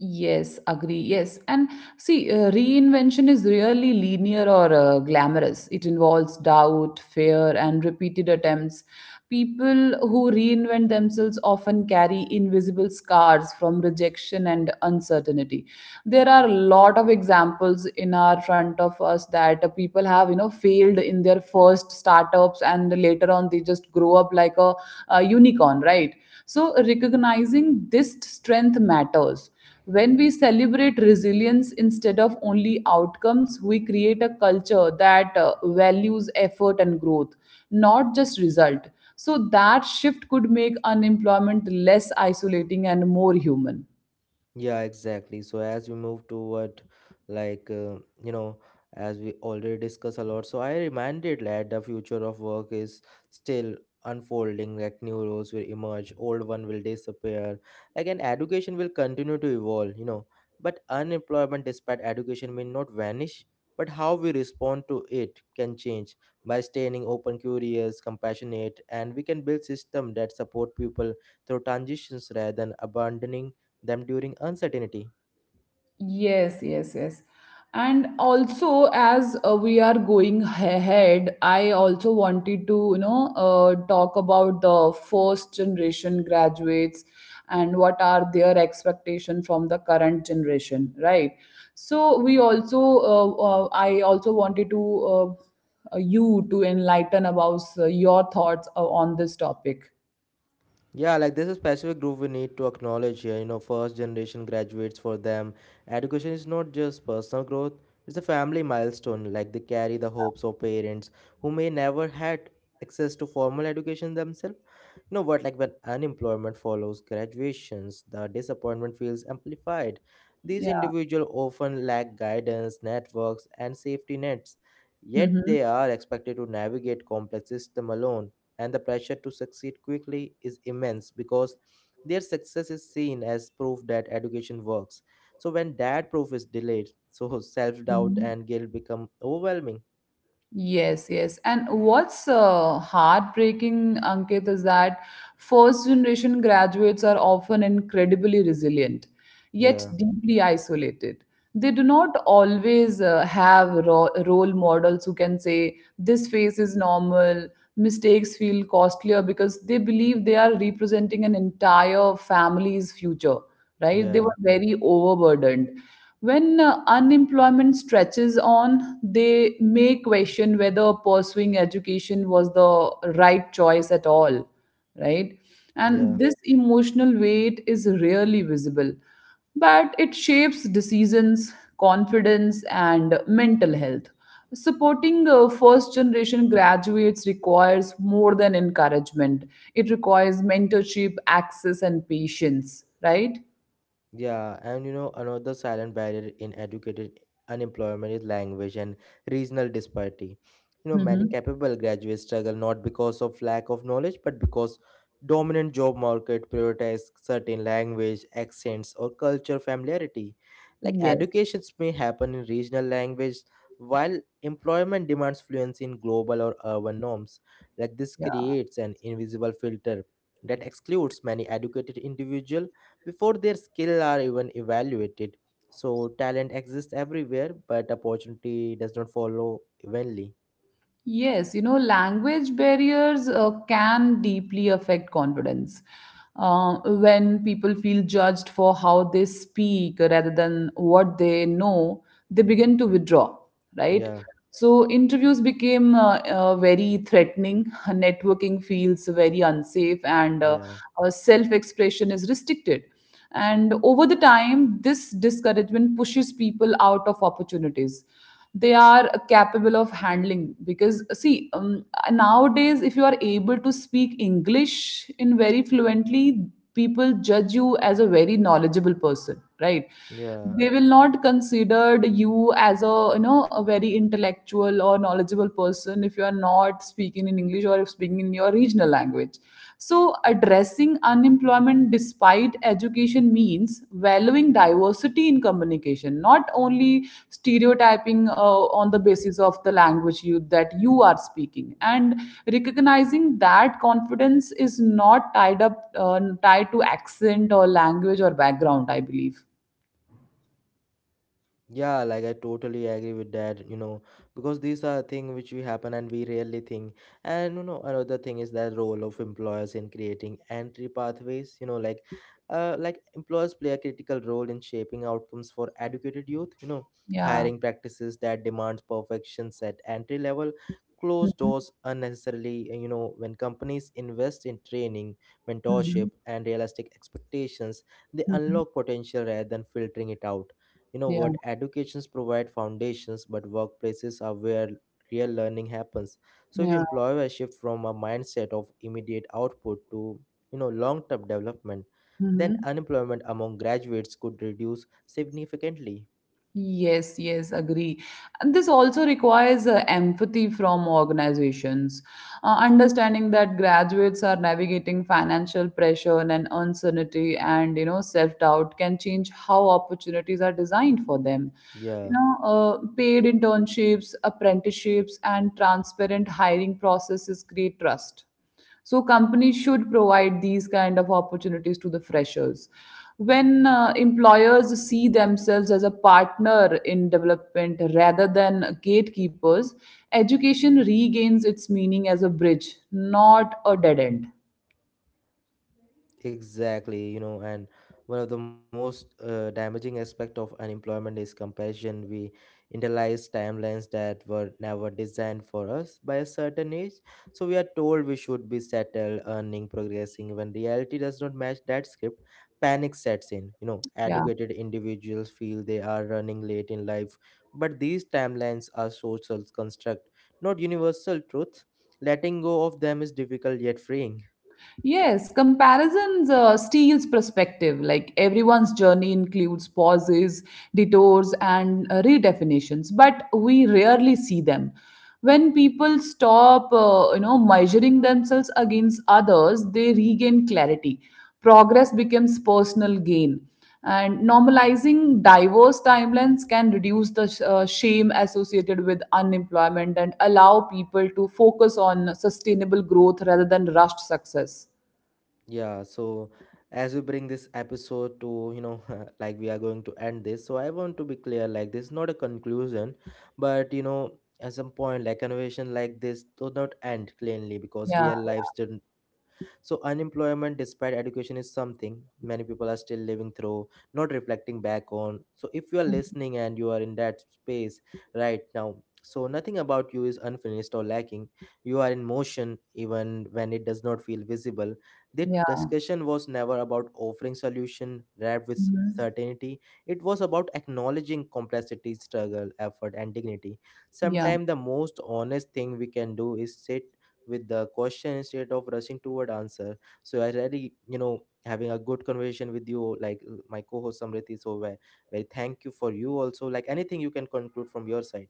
Speaker 2: Yes, agree. Yes. And see, reinvention is really linear or glamorous. It involves doubt, fear, and repeated attempts. People who reinvent themselves often carry invisible scars from rejection and uncertainty. There are a lot of examples in our front of us that people have, you know, failed in their first startups, and later on they just grow up like a unicorn, right? So recognizing this strength matters. When we celebrate resilience instead of only outcomes, we create a culture that values effort and growth, not just result. So that shift could make unemployment less isolating and more human.
Speaker 1: Yeah, exactly. So as we move toward, like you know, as we already discussed a lot, so I reminded that the future of work is still unfolding. Like new roles will emerge, old one will disappear. Again, education will continue to evolve. You know, but unemployment, despite education, may not vanish. But how we respond to it can change by staying open, curious, compassionate, and we can build system that support people through transitions rather than abandoning them during uncertainty.
Speaker 2: Yes, yes, yes. And also, as we are going ahead, I also wanted to, talk about the first generation graduates and what are their expectation from the current generation, right? So we also, I also wanted to you to enlighten about your thoughts on this topic.
Speaker 1: Yeah, like there's a specific group we need to acknowledge here. You know, first generation graduates, for them education is not just personal growth, it's a family milestone. Like they carry the hopes of parents who may never had access to formal education themselves. You know what? Like when unemployment follows graduations, the disappointment feels amplified. These
Speaker 2: Yeah.
Speaker 1: individuals often lack guidance, networks, and safety nets, yet
Speaker 2: Hmm.
Speaker 1: they are expected to navigate complex systems alone, and the pressure to succeed quickly is immense because their success is seen as proof that education works. So when that proof is delayed, so self-doubt and guilt become overwhelming.
Speaker 2: Yes, yes. And what's heartbreaking, Ankit, is that first generation graduates are often incredibly resilient, yet
Speaker 1: Yeah,
Speaker 2: deeply isolated. They do not always have role models who can say, this phase is normal, mistakes feel costlier because they believe they are representing an entire family's future, right? They
Speaker 1: yeah,
Speaker 2: were very overburdened. When unemployment stretches on, they may question whether pursuing education was the right choice at all, right? And
Speaker 1: yeah.
Speaker 2: this emotional weight is rarely visible, but it shapes decisions, confidence, and mental health. Supporting first generation graduates requires more than encouragement, it requires mentorship, access, and patience, right?
Speaker 1: Yeah, and you know, another silent barrier in educated unemployment is language and regional disparity. You know, many
Speaker 2: Mhm.
Speaker 1: capable graduates struggle not because of lack of knowledge, but because dominant job market prioritize certain language, accents, or culture familiarity. Like
Speaker 2: Yes.
Speaker 1: educations may happen in regional language, while employment demands fluency in global or urban norms. Like this
Speaker 2: Yeah.
Speaker 1: creates an invisible filter that excludes many educated individuals before their skill are even evaluated. So talent exists everywhere, but opportunity does not follow evenly.
Speaker 2: Yes, you know, language barriers can deeply affect confidence. When people feel judged for how they speak rather than what they know, they begin to withdraw, right?
Speaker 1: Yeah,
Speaker 2: So, interviews became very threatening, networking feels very unsafe, and
Speaker 1: yeah,
Speaker 2: self expression is restricted. And over the time this discouragement pushes people out of opportunities they are capable of handling, because see, nowadays if you are able to speak english in very fluently, people judge you as a very knowledgeable person, right?
Speaker 1: yeah.
Speaker 2: They will not consider you as a, a very intellectual or knowledgeable person if you are not speaking in english or if speaking in your regional language. So addressing unemployment despite education means valuing diversity in communication, not only stereotyping on the basis of the language you that you are speaking, and recognizing that confidence is not tied up tied to accent or language or background, I believe.
Speaker 1: Yeah, like I totally agree with that, you know, because these are things which we happen and we rarely think. And you know, another thing is that role of employers in creating entry pathways, you know, like employers play a critical role in shaping outcomes for educated youth, you know,
Speaker 2: Yeah.
Speaker 1: hiring practices that demands perfections at entry level, close
Speaker 2: Mhm,
Speaker 1: doors unnecessarily, you know, when companies invest in training,
Speaker 2: mhm,
Speaker 1: mentorship and realistic expectations, they
Speaker 2: mhm.
Speaker 1: unlock potential rather than filtering it out. You know
Speaker 2: Yeah,
Speaker 1: what? Educations provide foundations, but workplaces are where real learning happens. So if
Speaker 2: yeah.
Speaker 1: employers shift from a mindset of immediate output to long-term development, then
Speaker 2: Mhm.
Speaker 1: unemployment among graduates could reduce significantly.
Speaker 2: Yes, yes, agree. And this also requires empathy from organizations, understanding that graduates are navigating financial pressure and uncertainty, and you know self-doubt can change how opportunities are designed for them. You
Speaker 1: Yeah.
Speaker 2: know, paid internships, apprenticeships, and transparent hiring processes create trust. So companies should provide these kind of opportunities to the freshers. When employers see themselves as a partner in development rather than gatekeepers, education regains its meaning as a bridge, not a dead end.
Speaker 1: Exactly, you know, and one of the most damaging aspect of unemployment is comparison. We internalize timelines that were never designed for us by a certain age, so we are told we should be settled, earning, progressing. When reality does not match that script, panic sets in. You know,
Speaker 2: Yeah.
Speaker 1: educated individuals feel they are running late in life, but these timelines are social construct, not universal truth. Letting go of them is difficult yet freeing.
Speaker 2: Yes, comparisons steals perspective. Like everyone's journey includes pauses, detours, and redefinitions, but we rarely see them. When people stop, measuring themselves against others, they regain clarity. Progress becomes personal gain, and normalizing diverse timelines can reduce the shame associated with unemployment and allow people to focus on sustainable growth rather than rushed success.
Speaker 1: Yeah, so as we bring this episode to, you know, like we are going to end this, so I want to be clear like, this is not a conclusion, but you know, at some point, like conversation like this do not end cleanly because
Speaker 2: Yeah,
Speaker 1: real lives did. So unemployment despite education is something many people are still living through, not reflecting back on. So if you are listening and you are in that space right now, so nothing about you is unfinished or lacking. You are in motion even when it does not feel visible. The
Speaker 2: yeah.
Speaker 1: discussion was never about offering solution wrapped with
Speaker 2: Mhm.
Speaker 1: certainty. It was about acknowledging complexity, struggle, effort, and dignity.
Speaker 2: Yeah.
Speaker 1: Sometimes the most honest thing we can do is sit with the question instead of rushing toward answer. So I really, you know, having a good conversation with you, like my co-host Samrit is over. Very thank you for you also, like anything you can conclude from your side.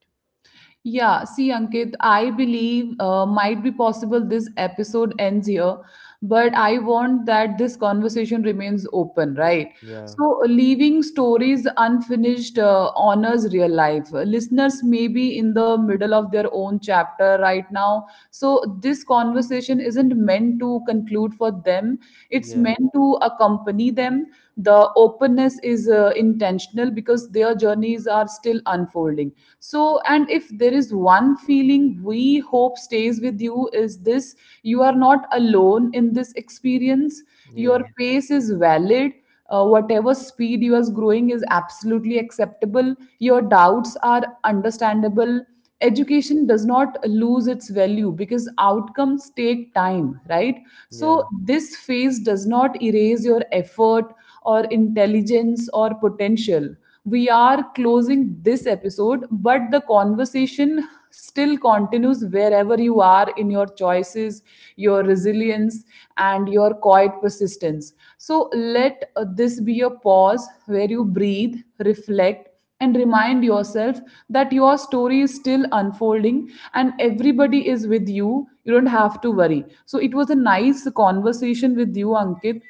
Speaker 2: Yeah. See, Ankit, I believe might be possible this episode ends here, but I want that this conversation remains open, right?
Speaker 1: yeah
Speaker 2: So, leaving stories unfinished honors real life. Listeners may be in the middle of their own chapter right now. So, this conversation isn't meant to conclude for them, it's
Speaker 1: yeah
Speaker 2: meant to accompany them. The openness is intentional because their journeys are still unfolding. So, and if there is one feeling we hope stays with you is this: you are not alone in this experience. Your
Speaker 1: yeah
Speaker 2: pace is valid. Uh, whatever speed you are growing is absolutely acceptable. Your doubts are understandable. Education does not lose its value because outcomes take time, right? So
Speaker 1: yeah
Speaker 2: this phase does not erase your effort or intelligence or potential. We are closing this episode, but the conversation still continues wherever you are, in your choices, your resilience, and your quiet persistence. So let this be a pause where you breathe, reflect, and remind yourself that your story is still unfolding and everybody is with you. You don't have to worry. So it was a nice conversation with you, Ankit.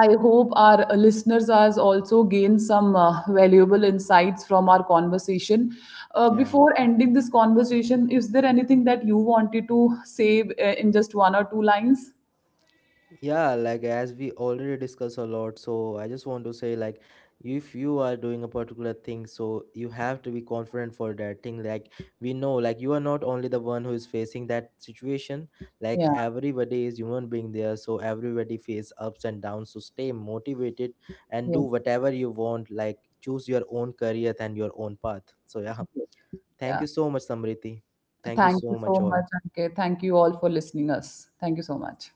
Speaker 2: I hope our listeners has also gained some valuable insights from our conversation.
Speaker 1: yeah
Speaker 2: Before ending this conversation, is there anything that you wanted to say in just one or two lines?
Speaker 1: Yeah, like as we already discussed a lot, so I just want to say like if you are doing a particular thing, so you have to be confident for that thing. Like we know, like you are not only the one who is facing that situation, like
Speaker 2: Yeah,
Speaker 1: everybody is human being there, so everybody face ups and downs. So stay motivated and do
Speaker 2: yes,
Speaker 1: whatever you want, like choose your own career and your own path. So yeah.
Speaker 2: yes.
Speaker 1: Thank
Speaker 2: Yeah.
Speaker 1: you so much, Samriti. Thank you
Speaker 2: Thank you
Speaker 1: so
Speaker 2: so
Speaker 1: much
Speaker 2: much,
Speaker 1: all.
Speaker 2: Ankit. Thank you all for listening us. Thank you so much.